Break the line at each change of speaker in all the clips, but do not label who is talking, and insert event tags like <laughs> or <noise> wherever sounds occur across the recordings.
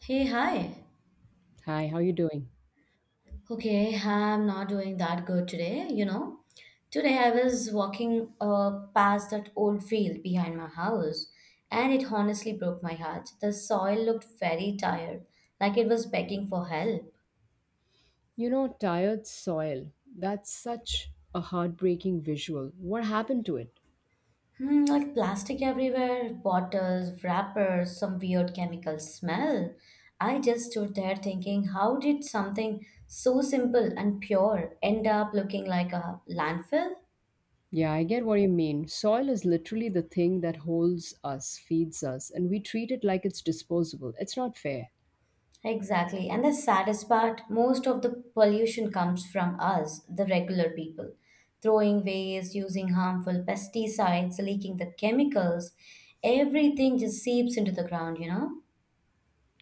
Hey, hi.
Hi, how you doing?
Okay, I'm not doing that good today, you know. Today I was walking past that old field behind my house, and it honestly broke my heart. The soil looked very tired, like it was begging for help.
You know, tired soil. That's such a heartbreaking visual. What happened to it?
Like plastic everywhere, bottles, wrappers, some weird chemical smell. I just stood there thinking, how did something so simple and pure end up looking like a landfill?
Yeah, I get what you mean. Soil is literally the thing that holds us, feeds us, and we treat it like it's disposable. It's not fair.
Exactly. And the saddest part, most of the pollution comes from us, the regular people, throwing waste, using harmful pesticides, leaking the chemicals. Everything just seeps into the ground, you know?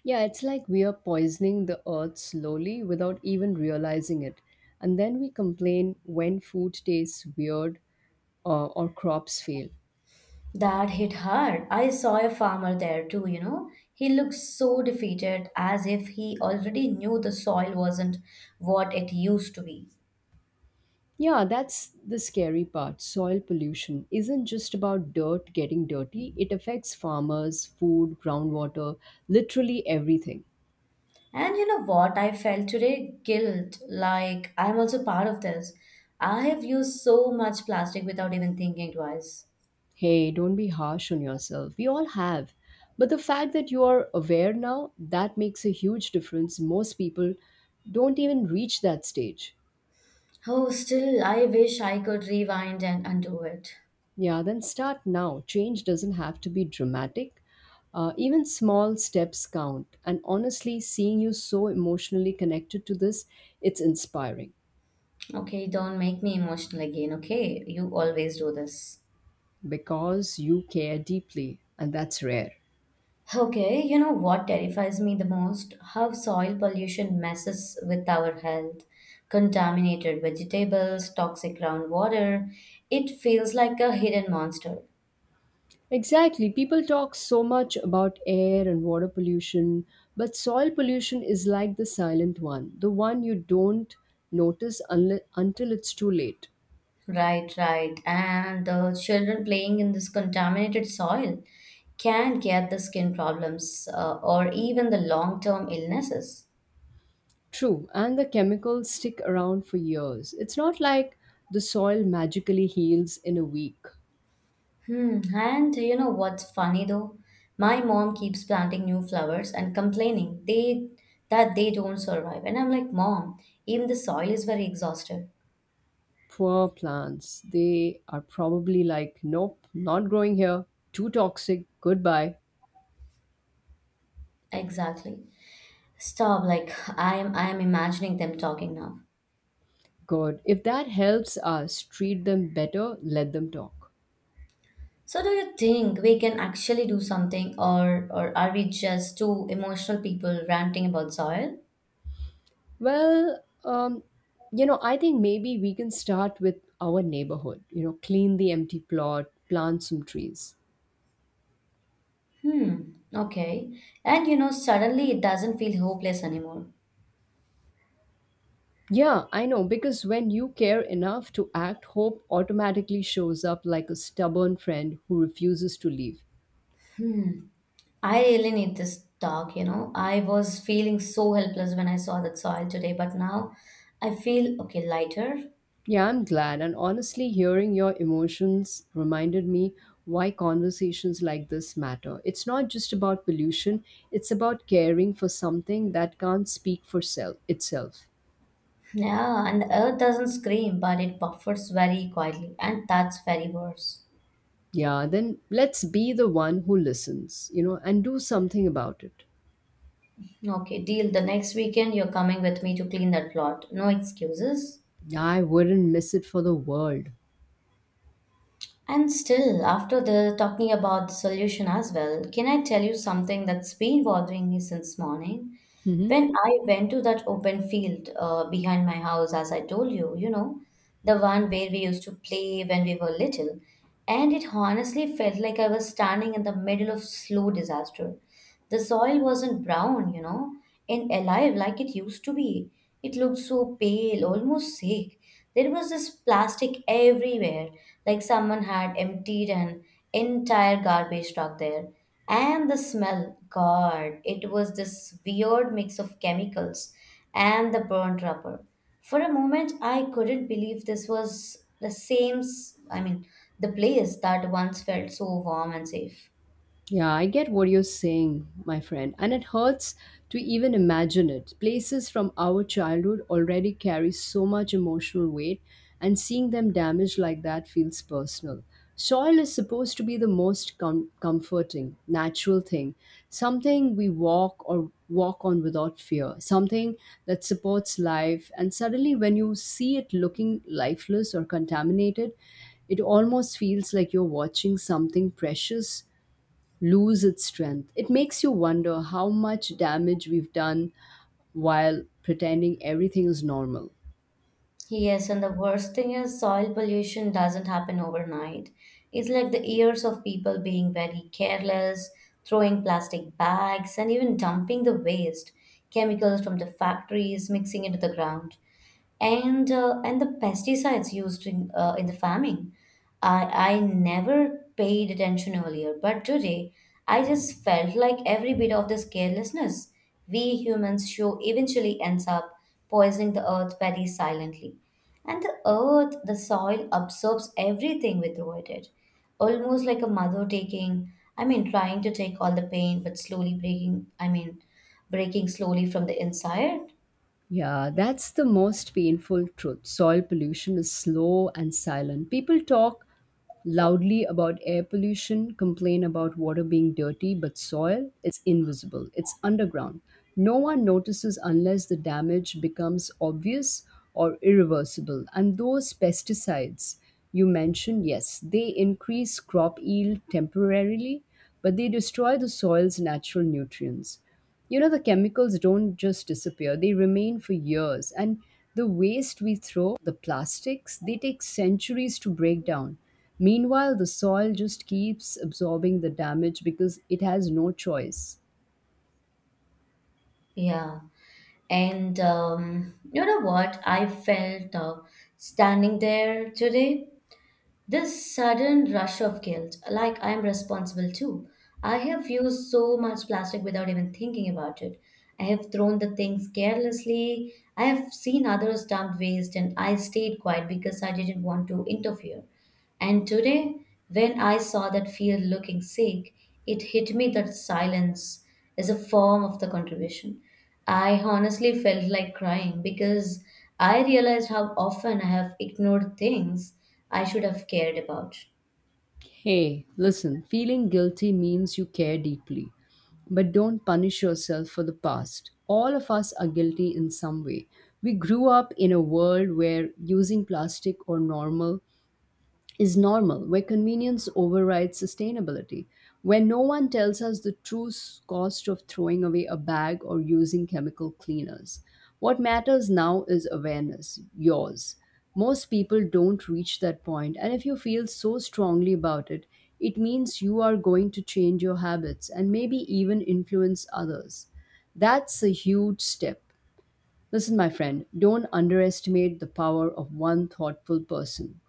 Yeah, it's like we are poisoning the earth slowly without even realizing it. And then we complain when food tastes weird or crops fail.
That hit hard. I saw a farmer there too, you know? He looked so defeated as if he already knew the soil wasn't what it used to be.
Yeah, that's the scary part. Soil pollution isn't just about dirt getting dirty, it affects farmers, food, groundwater, literally everything.
And you know what? I felt today guilt, like I'm also part of this. I have used so much plastic without even thinking twice.
Hey, don't be harsh on yourself. We all have. But the fact that you are aware now, that makes a huge difference. Most people don't even reach that stage.
Oh, still, I wish I could rewind and undo it.
Yeah, then start now. Change doesn't have to be dramatic. Even small steps count. And honestly, seeing you so emotionally connected to this, it's inspiring.
Okay, don't make me emotional again, okay? You always do this.
Because you care deeply, and that's rare.
Okay, you know what terrifies me the most? How soil pollution messes with our health. Contaminated vegetables, toxic groundwater. It feels like a hidden monster.
Exactly. People talk so much about air and water pollution, but soil pollution is like the silent one, the one you don't notice until it's too late.
Right, right. And the children playing in this contaminated soil can get the skin problems or even the long term illnesses.
True, and the chemicals stick around for years. It's not like the soil magically heals in a week.
Hmm. And you know what's funny though? My mom keeps planting new flowers and complaining they that they don't survive. And I'm like, Mom, even the soil is very exhausted.
Poor plants, they are probably like, nope, not growing here, too toxic, goodbye.
Exactly. Stop, like I am imagining them talking now.
God, if that helps us treat them better, let them talk.
So do you think we can actually do something, or are we just two emotional people ranting about soil?
Well, um, I think maybe we can start with our neighborhood, you know, clean the empty plot, plant some trees.
Hmm. Okay. And you know, suddenly it doesn't feel hopeless anymore.
Yeah, I know, because when you care enough to act, hope automatically shows up like a stubborn friend who refuses to leave.
Hmm. I really need this talk, you know. I was feeling so helpless when I saw that soil today, but now I feel okay, lighter.
Yeah, I'm glad. And honestly, hearing your emotions reminded me why conversations like this matter. It's not just about pollution, it's about caring for something that can't speak for self itself.
Yeah, and the earth doesn't scream, but it buffers very quietly, and that's very worse.
Yeah, then let's be the one who listens, you know, and do something about it.
Okay, deal. The next weekend you're coming with me to clean that plot. No excuses.
Yeah, I wouldn't miss it for the world.
And still, after the talking about the solution as well, can I tell you something that's been bothering me since morning?
Mhm.
When I went to that open field behind my house, as I told you, you know, the one where we used to play when we were little, and it honestly felt like I was standing in the middle of slow disaster. The soil wasn't brown, you know, and alive like it used to be. It looked so pale, almost sick. There was this plastic everywhere, like someone had emptied an entire garbage truck there. And the smell, God, it was this weird mix of chemicals and the burnt rubber. For a moment, I couldn't believe this was I mean, the place that once felt so warm and safe.
Yeah, I get what you're saying, my friend, and it hurts to even imagine it. Places from our childhood already carry so much emotional weight, and seeing them damaged like that feels personal. Soil is supposed to be the most comforting, natural thing, something we walk or walk on without fear, something that supports life. And suddenly, when you see it looking lifeless or contaminated, it almost feels like you're watching something precious lose its strength. It makes you wonder how much damage we've done while pretending everything is normal.
Yes, and the worst thing is soil pollution doesn't happen overnight. It's like the years of people being very careless, throwing plastic bags, and even dumping the waste, chemicals from the factories, mixing into the ground. And and the pesticides used in the farming. i I never paid attention earlier, but today I just felt like every bit of this carelessness we humans show eventually ends up poisoning the earth very silently. And the soil absorbs everything we throw at it, almost like a mother taking I mean, trying to take all the pain, but slowly breaking I mean, breaking slowly from the inside.
Yeah, that's the most painful truth. Soil pollution is slow and silent. People talk loudly about air pollution, complain about water being dirty, but soil, it's invisible, it's underground. No one notices unless the damage becomes obvious or irreversible. And those pesticides you mentioned, yes, they increase crop yield temporarily, but they destroy the soil's natural nutrients. You know, the chemicals don't just disappear, they remain for years. And the waste we throw, the plastics, they take centuries to break down. Meanwhile, the soil just keeps absorbing the damage because it has no choice.
Yeah. And you know what? I felt standing there today, this sudden rush of guilt, like I'm responsible too. I have used so much plastic without even thinking about it. I have thrown the things carelessly. I have seen others dump waste, and I stayed quiet because I didn't want to interfere. And today, when I saw that field looking sick, it hit me that silence is a form of the contribution. I honestly felt like crying because I realized how often I have ignored things I should have cared about.
Hey, listen, feeling guilty means you care deeply. But don't punish yourself for the past. All of us are guilty in some way. We grew up in a world where using plastic or normal is normal, where convenience overrides sustainability, where no one tells us the true cost of throwing away a bag or using chemical cleaners. What matters now is awareness, yours. Most people don't reach that point, and if you feel so strongly about it, it means you are going to change your habits and maybe even influence others. That's a huge step. Listen, my friend, don't underestimate the power of one thoughtful person.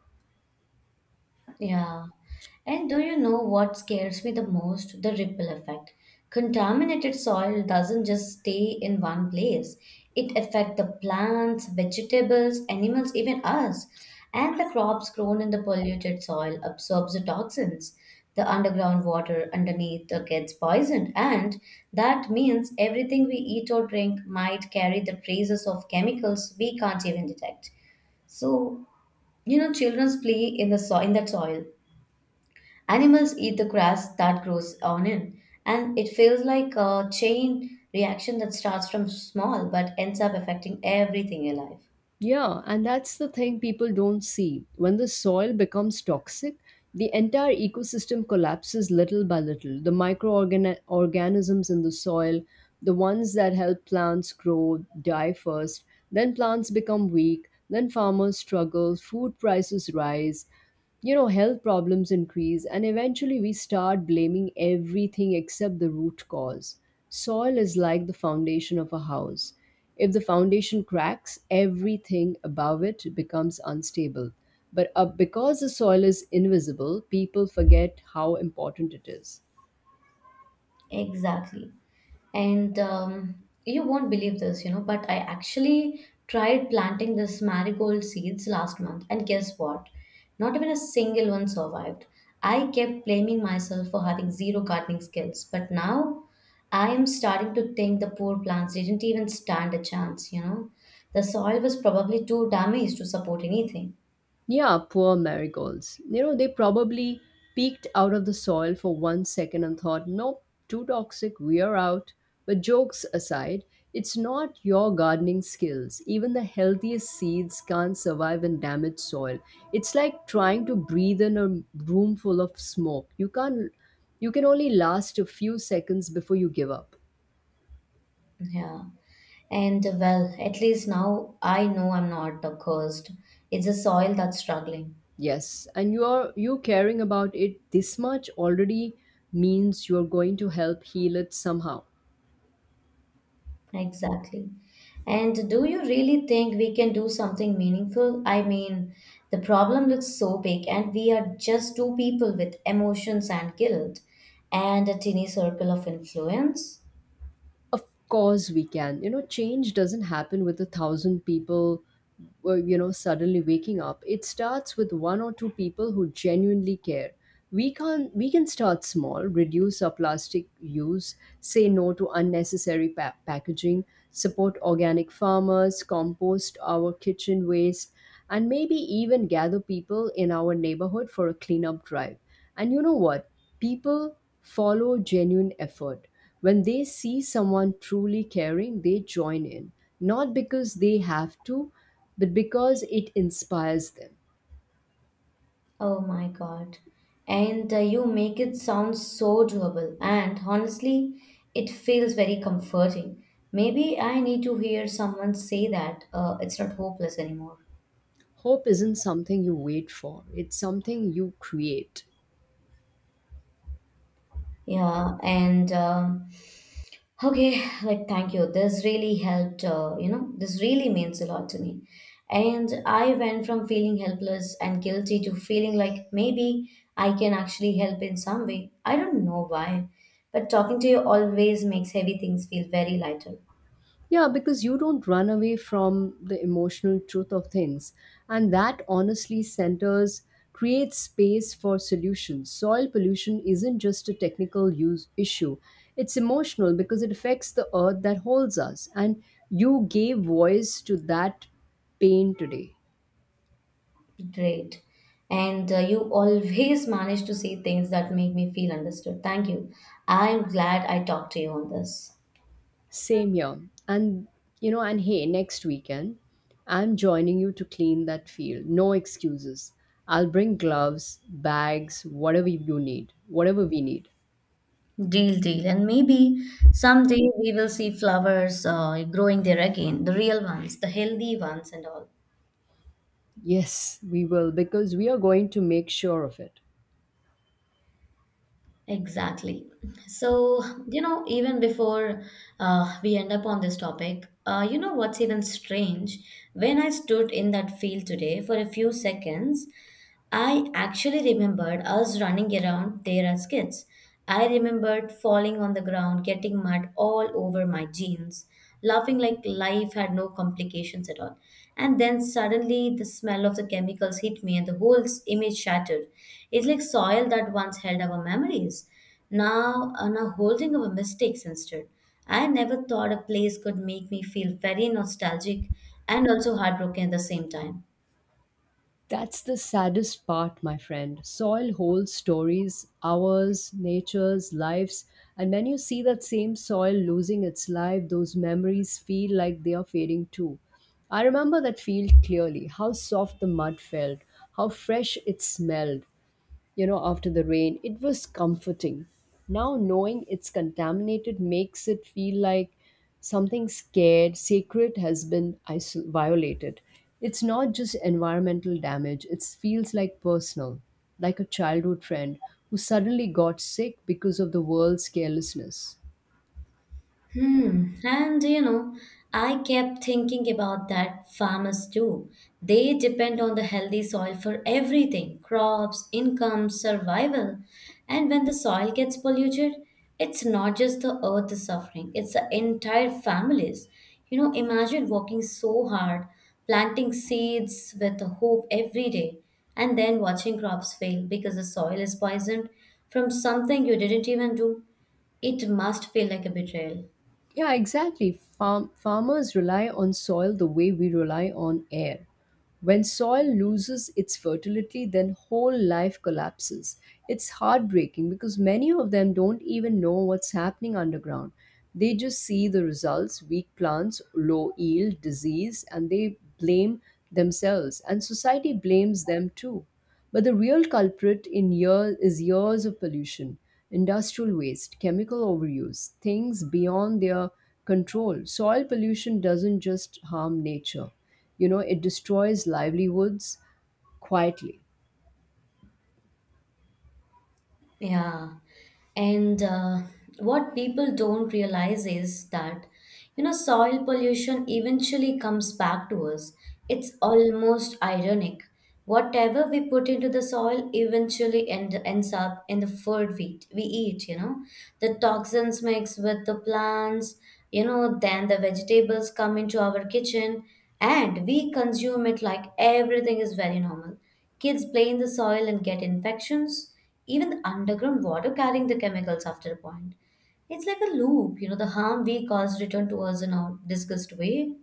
Yeah. And do you know what scares me the most? The ripple effect. Contaminated soil doesn't just stay in one place. It affects the plants, vegetables, animals, even us. And the crops grown in the polluted soil absorbs the toxins. The underground water underneath gets poisoned, and that means everything we eat or drink might carry the traces of chemicals we can't even detect. So, you know, children's play in in that soil. Animals eat the grass that grows on it, and it feels like a chain reaction that starts from small but ends up affecting everything in life.
Yeah, and that's the thing people don't see. When the soil becomes toxic, the entire ecosystem collapses little by little. The microorganisms in the soil, the ones that help plants grow, die first, then plants become weak, then farmers struggle, food prices rise, you know, health problems increase, and eventually we start blaming everything except the root cause. Soil is like the foundation of a house. If the foundation cracks, everything above it becomes unstable, but because the soil is invisible, people forget how important it is.
Exactly. And you won't believe this, you know, but I actually tried planting this marigold seeds last month, and guess what? Not even a single one survived. I kept blaming myself for having zero gardening skills, but now I am starting to think the poor plants didn't even stand a chance, you know. The soil was probably too damaged to support anything.
Yeah, poor marigolds. You know, they probably peeked out of the soil for one second and thought, nope, too toxic, we are out. But jokes aside, it's not your gardening skills. Even the healthiest seeds can't survive in damaged soil. It's like trying to breathe in a room full of smoke. You can't You can only last a few seconds before you give up.
Yeah. And well, at least now I know I'm not the cursed, it's the soil that's struggling.
Yes, and you caring about it this much already means you're going to help heal it somehow.
Exactly. And do you really think we can do something meaningful? I mean, the problem looks so big, and we are just two people with emotions and guilt and a tiny circle of influence.
Of course, we can. You know, change doesn't happen with a thousand people, you know, suddenly waking up. It starts with one or two people who genuinely care. We can start small, reduce our plastic use, say no to unnecessary packaging, support organic farmers, compost our kitchen waste, and maybe even gather people in our neighborhood for a cleanup drive. And you know what? People follow genuine effort. When they see someone truly caring, they join in, not because they have to, but because it inspires them.
Oh my God. And you make it sound so doable, and honestly, it feels very comforting. Maybe I need to hear someone say that it's not hopeless anymore.
Hope isn't something you wait for, it's something you create.
Yeah, and okay, like thank you. This really helped, you know, this really means a lot to me. And I went from feeling helpless and guilty to feeling like maybe I can actually help in some way. I don't know why, but talking to you always makes heavy things feel very lighter.
Yeah, because you don't run away from the emotional truth of things. And that honestly centers, creates space for solutions. Soil pollution isn't just a technical use issue, it's emotional because it affects the earth that holds us. And you gave voice to that pain today.
Great. And you always <laughs> manage to say things that make me feel understood. Thank you. I'm glad I talked to you on this.
Same here. And you know, and hey, next weekend, I'm joining you to clean that field. No excuses. I'll bring gloves, bags, whatever you need, whatever we need.
Deal, deal. And maybe someday we will see flowers growing there again, the real ones, the healthy ones, and all.
Yes, we will, because we are going to make sure of it.
Exactly. So, you know, even before we end up on this topic, you know what's even strange? When I stood in that field today for a few seconds, I actually remembered us running around there as kids. I remembered falling on the ground, getting mud all over my jeans, laughing like life had no complications at all. And then suddenly the smell of the chemicals hit me and the image shattered. It's like soil that once held our memories. Now now holding our mistakes instead. I never thought a place could make me feel very nostalgic and also heartbroken at the same time.
That's the saddest part, my friend. Soil holds stories, ours, nature's, lives, and when you see that same soil losing its life, those memories feel like they are fading too. I remember that field clearly, how soft the mud felt, how fresh it smelled, you know, after the rain it was comforting. Now knowing it's contaminated makes it feel like something scared sacred has been violated. It's not just environmental damage, it feels like personal, like a childhood friend who suddenly got sick because of the world's carelessness.
Hmm. And you know, I kept thinking about that farmers too. They depend on the healthy soil for everything, crops, income, survival. And when the soil gets polluted, it's not just the earth is suffering, it's the entire families. You know, imagine working so hard, planting seeds with the hope every day, and then watching crops fail because the soil is poisoned from something you didn't even do. It must feel like a betrayal.
Yeah, exactly. Farmers rely on soil the way we rely on air. When soil loses its fertility, then whole life collapses. It's heartbreaking because many of them don't even know what's happening underground. They just see the results, weak plants, low yield, disease, and they blame themselves. And society blames them too. But the real culprit in year is years of pollution, industrial waste, chemical overuse, things beyond their control. Soil pollution doesn't just harm nature. You know, it destroys livelihoods quietly.
Yeah. And what people don't realize is that, you know, soil pollution eventually comes back to us. It's almost ironic. Whatever we put into the soil ends up in the food we eat, you know. The toxins mix with the plants, you know, then the vegetables come into our kitchen and we consume it like everything is very normal. Kids play in the soil and get infections, even the underground water carrying the chemicals after a point. It's like a loop, you know, the harm we cause return to us in a disgust way.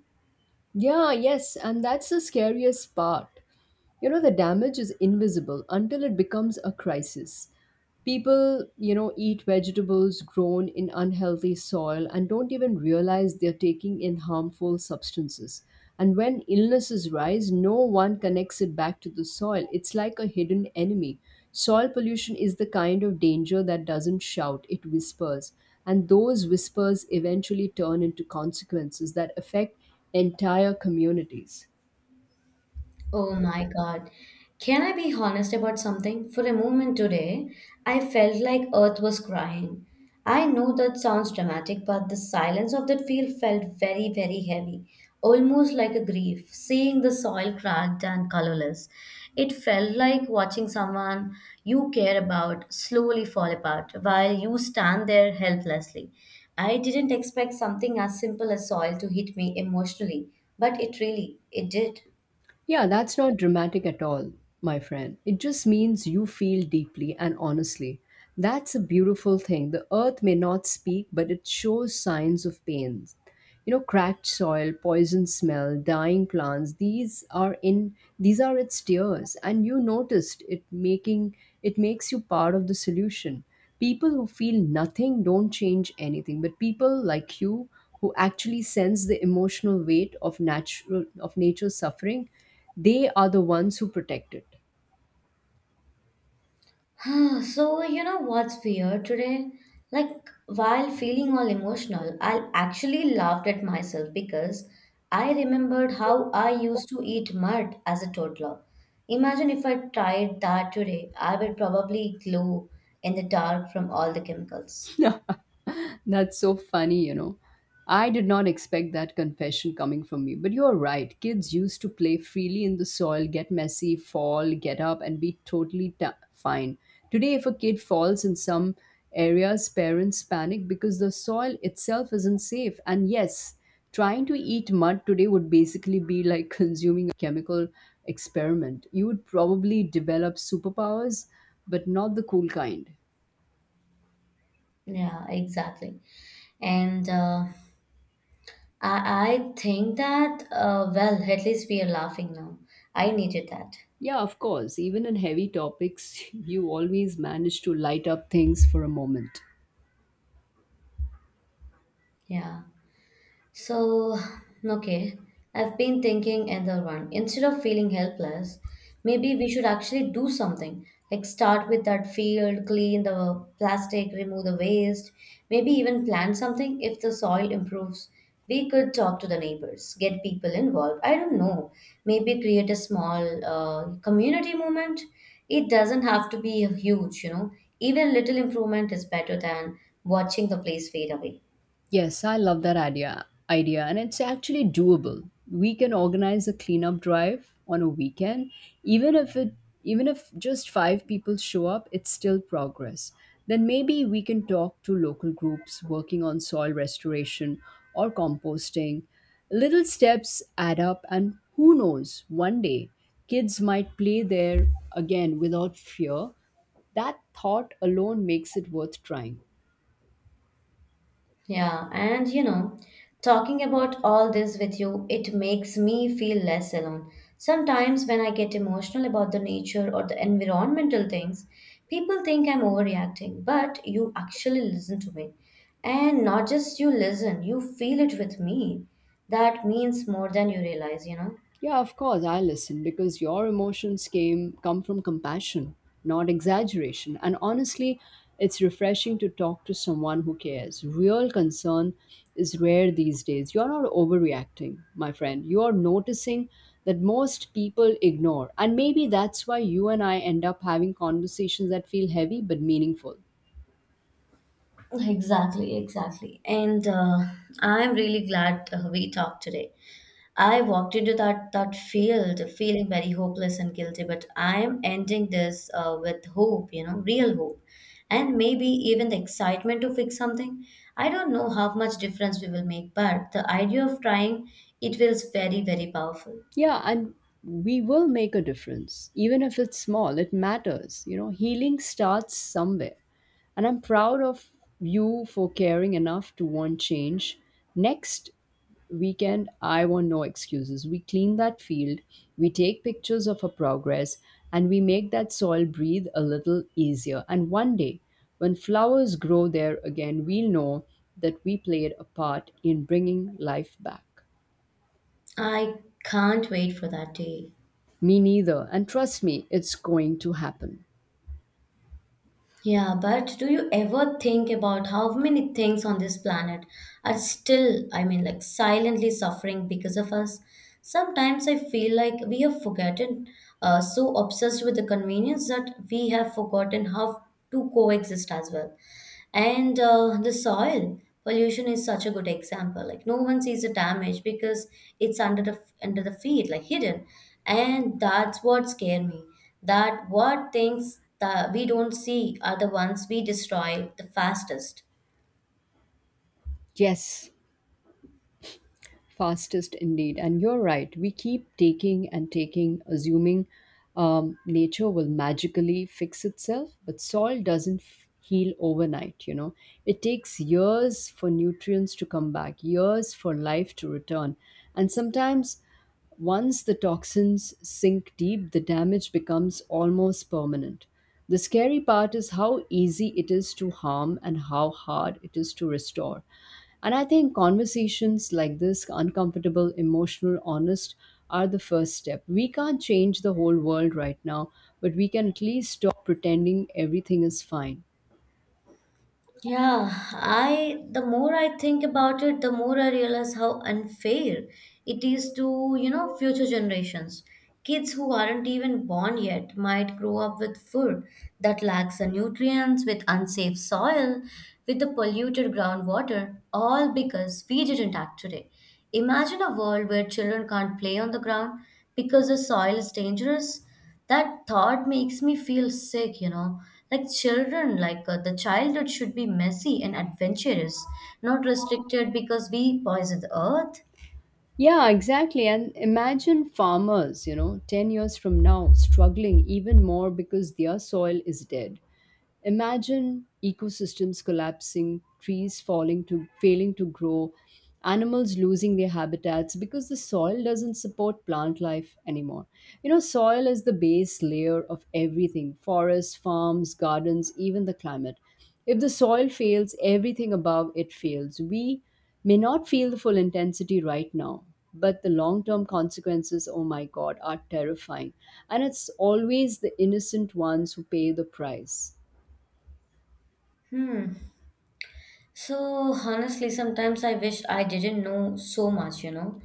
Yeah, yes, and that's the scariest part. You know, the damage is invisible until it becomes a crisis. People, you know, eat vegetables grown in unhealthy soil and don't even realize they're taking in harmful substances. And when illnesses rise, no one connects it back to the soil. It's like a hidden enemy. Soil pollution is the kind of danger that doesn't shout, it whispers, and those whispers eventually turn into consequences that affect entire communities.
Oh my God. Can I be honest about something? For a moment today, I felt like Earth was crying. I know that sounds dramatic, but the silence of that field felt very, very heavy, almost like a grief. Seeing the soil cracked and colorless, it felt like watching someone you care about slowly fall apart while you stand there helplessly. I didn't expect something as simple as soil to hit me emotionally, but it really, it did.
Yeah, that's not dramatic at all, my friend. It just means you feel deeply and honestly. That's a beautiful thing. The earth may not speak, but it shows signs of pain. You know, cracked soil, poison smell, dying plants, these are its tears, and you noticed it, making it makes you part of the solution. People who feel nothing don't change anything, but people like you who actually sense the emotional weight of natural of nature's suffering, they are the ones who protect it.
Ah, so you know what's weird today? Like while feeling all emotional, I actually laughed at myself because I remembered how I used to eat mud as a toddler. Imagine if I tried that today, I would probably glow in the dark from all the chemicals.
<laughs> That's so funny, you know. I did not expect that confession coming from me, but you're right. Kids used to play freely in the soil, get messy, fall, get up, and be totally ta fine. Today, if a kid falls in some areas, parents panic because the soil itself isn't safe. And yes, trying to eat mud today would basically be like <laughs> consuming a chemical experiment. You would probably develop superpowers, but not the cool kind.
Yeah, exactly. And I think that, well, at least we are laughing now. I needed that.
Yeah, of course. Even in heavy topics, <laughs> you always manage to light up things for a moment.
Yeah. So, okay, I've been thinking another one. Instead of feeling helpless, maybe we should actually do something. Like start with that field, clean the plastic, remove the waste, maybe even plant something if the soil improves. We could talk to the neighbors, get people involved. I don't know. Maybe create a small community movement. It doesn't have to be huge, you know. Even little improvement is better than watching the place fade away.
Yes, I love that idea, and it's actually doable. We can organize a cleanup drive on a weekend, even if it even if just five people show up, it's still progress. Then maybe we can talk to local groups working on soil restoration or composting. Little steps add up, and who knows, one day kids might play there again without fear. That thought alone makes it worth trying.
Yeah, and you know, talking about all this with you, it makes me feel less alone. Sometimes when I get emotional about the nature or the environmental things, people think I'm overreacting, but you actually listen to me. And not just you listen, you feel it with me. That means more than you realize, you know?
Yeah, of course, I listen because your emotions came come from compassion, not exaggeration. And honestly, it's refreshing to talk to someone who cares. Real concern is rare these days. You're not overreacting, my friend. You're noticing that most people ignore. And maybe that's why you and I end up having conversations that feel heavy but meaningful.
Exactly, exactly. And I'm really glad we talked today. I walked into that field feeling very hopeless and guilty, but I am ending this with hope, you know, real hope, and maybe even the excitement to fix something. I don't know how much difference we will make, but the idea of trying it feels very very powerful.
Yeah, and we will make a difference. Even if it's small, it matters. You know, healing starts somewhere. And I'm proud of you for caring enough to want change. Next weekend, I want no excuses. We clean that field, we take pictures of our progress, and we make that soil breathe a little easier. And one day, when flowers grow there again, we'll know that we played a part in bringing life back.
I can't wait for that day.
Me neither. And trust me, it's going to happen.
Yeah, but do you ever think about how many things on this planet are still, I mean, like silently suffering because of us? Sometimes I feel like we have forgotten, so obsessed with the convenience that we have forgotten how to coexist as well. And The soil pollution is such a good example. Like no one sees the damage because it's under the feet, like hidden. And that's what scare me. That what things that we don't see are the ones we destroy the fastest.
Yes, fastest indeed. And you're right, we keep taking and taking, assuming nature will magically fix itself, but soil doesn't heal overnight, you know. It takes years for nutrients to come back, years for life to return. And sometimes once the toxins sink deep, the damage becomes almost permanent. The scary part is how easy it is to harm and how hard it is to restore. And I think conversations like this, uncomfortable, emotional, honest, are the first step. We can't change the whole world right now, but we can at least stop pretending everything is fine.
Yeah, I the more I think about it, the more I realize how unfair it is to, you know, future generations. Kids who aren't even born yet might grow up with food that lacks the nutrients, with unsafe soil, with the polluted groundwater, all because we didn't act today. Imagine a world where children can't play on the ground because the soil is dangerous that thought makes me feel sick, you know. Like children, the childhood should be messy and adventurous, not restricted because we poison the earth.
Yeah, exactly. And imagine farmers, you know, 10 years from now struggling even more because their soil is dead. Imagine ecosystems collapsing, trees falling to failing to grow, animals losing their habitats because the soil doesn't support plant life anymore. You know, soil is the base layer of everything: forests, farms, gardens, even the climate. If the soil fails, everything above it fails. We may not feel the full intensity right now, but the long term consequences, oh my God, are terrifying. And it's always the innocent ones who pay the price.
Hmm. So honestly, sometimes I wish I didn't know so much, you know.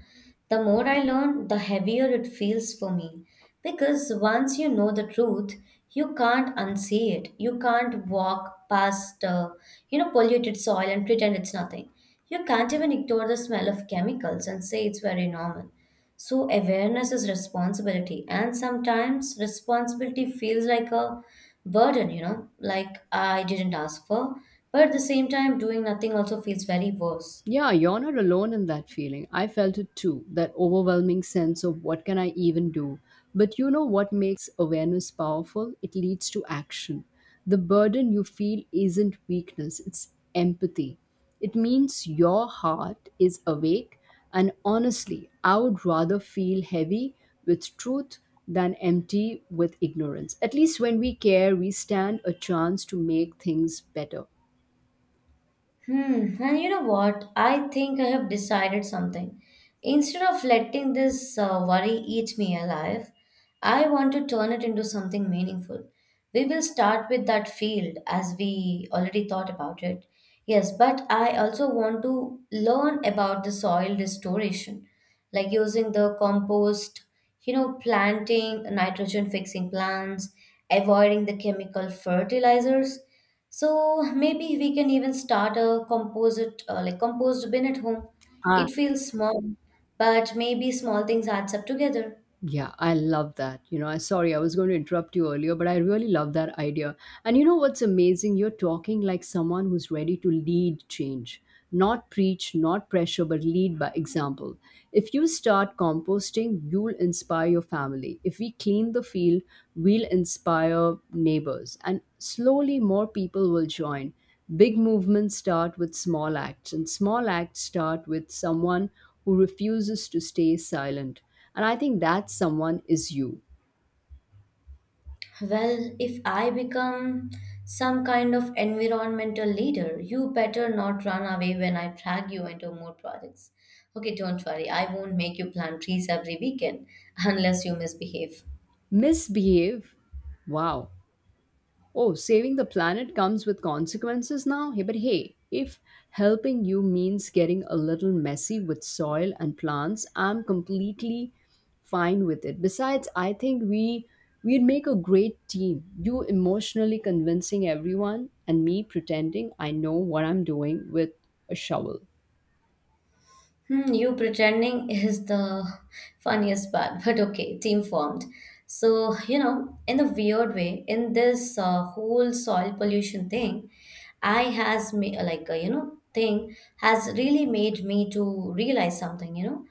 The more I learn, the heavier it feels for me. Because once you know the truth, you can't unsee it. You can't walk past, you know, polluted soil and pretend it's nothing. You can't even ignore the smell of chemicals and say it's very normal. So awareness is responsibility, and sometimes responsibility feels like a burden, you know, like I didn't ask for. But at the same time, doing nothing also feels very worse.
Yeah, you're not alone in that feeling. I felt it too, that overwhelming sense of what can I even do. But you know what makes awareness powerful? It leads to action. The burden you feel isn't weakness, it's empathy. It means your heart is awake, and honestly, I would rather feel heavy with truth than empty with ignorance. At least when we care, we stand a chance to make things better.
Hmm, and you know what? I think I have decided something. Instead of letting this worry eat me alive, I want to turn it into something meaningful. We will start with that field as we already thought about it. Yes, but I also want to learn about the soil restoration, like using the compost, you know, planting nitrogen fixing plants, avoiding the chemical fertilizers. So maybe we can even start a composite, like compost bin at home.
Ah.
It feels small, but maybe small things adds up together.
Yeah, I love that. You know, I, sorry, I was going to interrupt you earlier, but I really love that idea. And you know what's amazing? You're talking like someone who's ready to lead change, not preach, not pressure, but lead by example. If you start composting, you'll inspire your family. If we clean the field, we'll inspire neighbors, and slowly more people will join. Big movements start with small acts, and small acts start with someone who refuses to stay silent. And I think that someone is you.
Well, if I become some kind of environmental leader, you better not run away when I drag you into more projects. Okay, don't worry, I won't make you plant trees every weekend <laughs> unless you misbehave.
Misbehave? Wow. Oh, saving the planet comes with consequences now? Hey, but hey, if helping you means getting a little messy with soil and plants, I'm completely fine with it. Besides, I think we'd make a great team. You emotionally convincing everyone and me pretending I know what I'm doing with a shovel.
Hmm, you pretending is the funniest part, but okay, team formed. So, you know, in a weird way, in this whole soil pollution thing, I has me you know thing has really made me to realize something, you know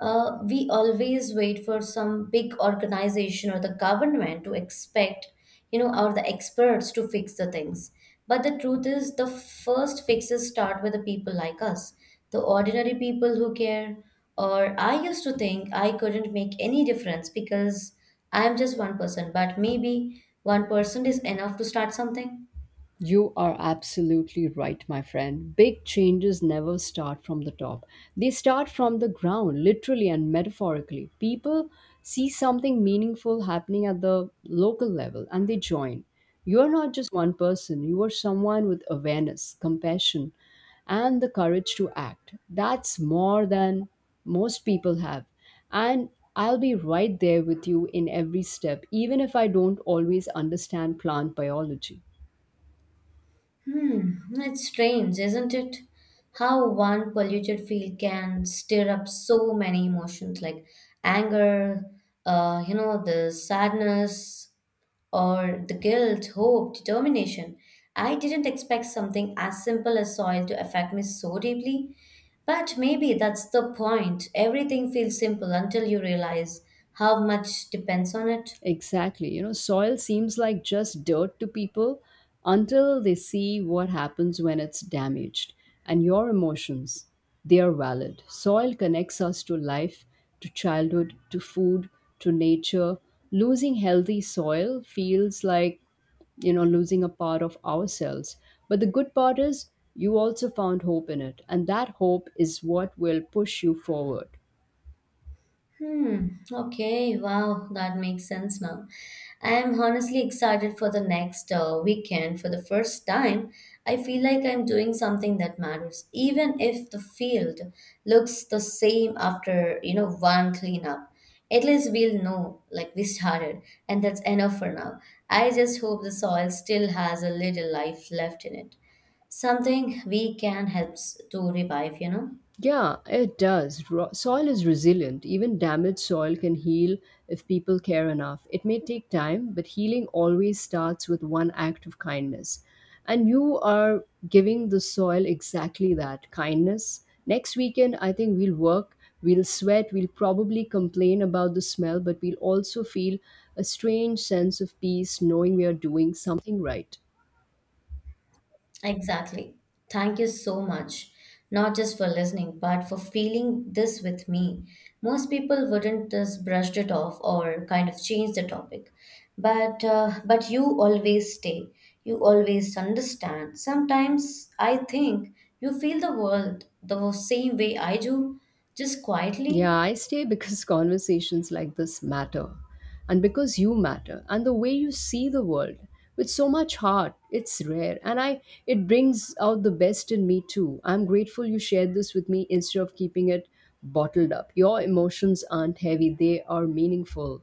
we always wait for some big organization or the government to expect, you know, or the experts to fix the things. But the truth is, the first fixes start with the people like us, the ordinary people who care. Or I used to think I couldn't make any difference because I'm just one person, but maybe one person is enough to start something.
You are absolutely right, my friend. Big changes never start from the top. They start from the ground, literally and metaphorically. People see something meaningful happening at the local level and they join. You are not just one person, you are someone with awareness, compassion, and the courage to act. That's more than most people have. And I'll be right there with you in every step, even if I don't always understand plant biology.
Hmm, it's strange, isn't it? How one polluted field can stir up so many emotions like anger, you know, the sadness or the guilt, hope, determination. I didn't expect something as simple as soil to affect me so deeply. But maybe that's the point. Everything feels simple until you realize how much depends on it.
Exactly. You know, soil seems like just dirt to people until they see what happens when it's damaged. And your emotions, they are valid. Soil connects us to life, to childhood, to food, to nature. Losing healthy soil feels like, you know, losing a part of ourselves. But the good part is you also found hope in it. And that hope is what will push you forward.
Hmm. Okay. Wow. That makes sense now. I am honestly excited for the next weekend. For the first time, I feel like I'm doing something that matters, even if the field looks the same after you know one cleanup. At least we'll know like we started, and that's enough for now. I just hope the soil still has a little life left in it, something we can help to revive. You know.
Yeah, it does. Soil is resilient. Even damaged soil can heal if people care enough. It may take time, but healing always starts with one act of kindness. And you are giving the soil exactly that kindness. Next weekend, I think we'll work, we'll sweat, we'll probably complain about the smell, but we'll also feel a strange sense of peace knowing we are doing something right.
Exactly. Thank you so much, not just for listening, but for feeling this with me. Most people wouldn't just brushed it off or kind of change the topic, but you always stay. You always understand. Sometimes I think you feel the world the same way I do, just
Yeah,
quietly.
I stay because <laughs> conversations like this matter, and because you matter, and the way you see the world with so much heart, it's rare. And I it brings out the best in me too. I'm grateful you shared this with me instead of keeping it bottled up. Your emotions aren't heavy, they are meaningful.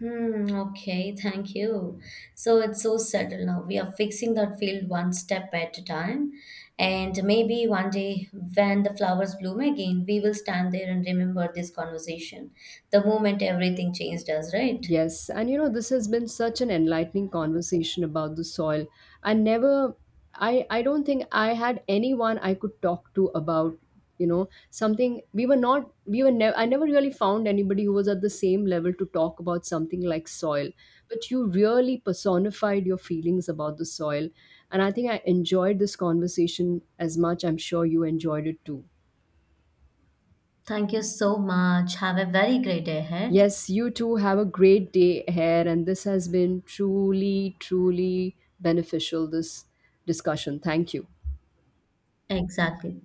Hmm, okay, thank you. So it's so subtle now. We are fixing that field one step at a time. And maybe one day when the flowers bloom again, we will stand there and remember this conversation. The moment everything changed us, right?
Yes, and you know, this has been such an enlightening conversation about the soil. I never, I don't think I had anyone I could talk to about, you know, something we were not, we were never, I never really found anybody who was at the same level to talk about something like soil. But you really personified your feelings about the soil. And I think I enjoyed this conversation as much. I'm sure you enjoyed it too.
Thank you so much. Have a very great day ahead.
Yes, you too, have a great day ahead, and this has been truly, truly beneficial. This discussion. Thank you.
Exactly.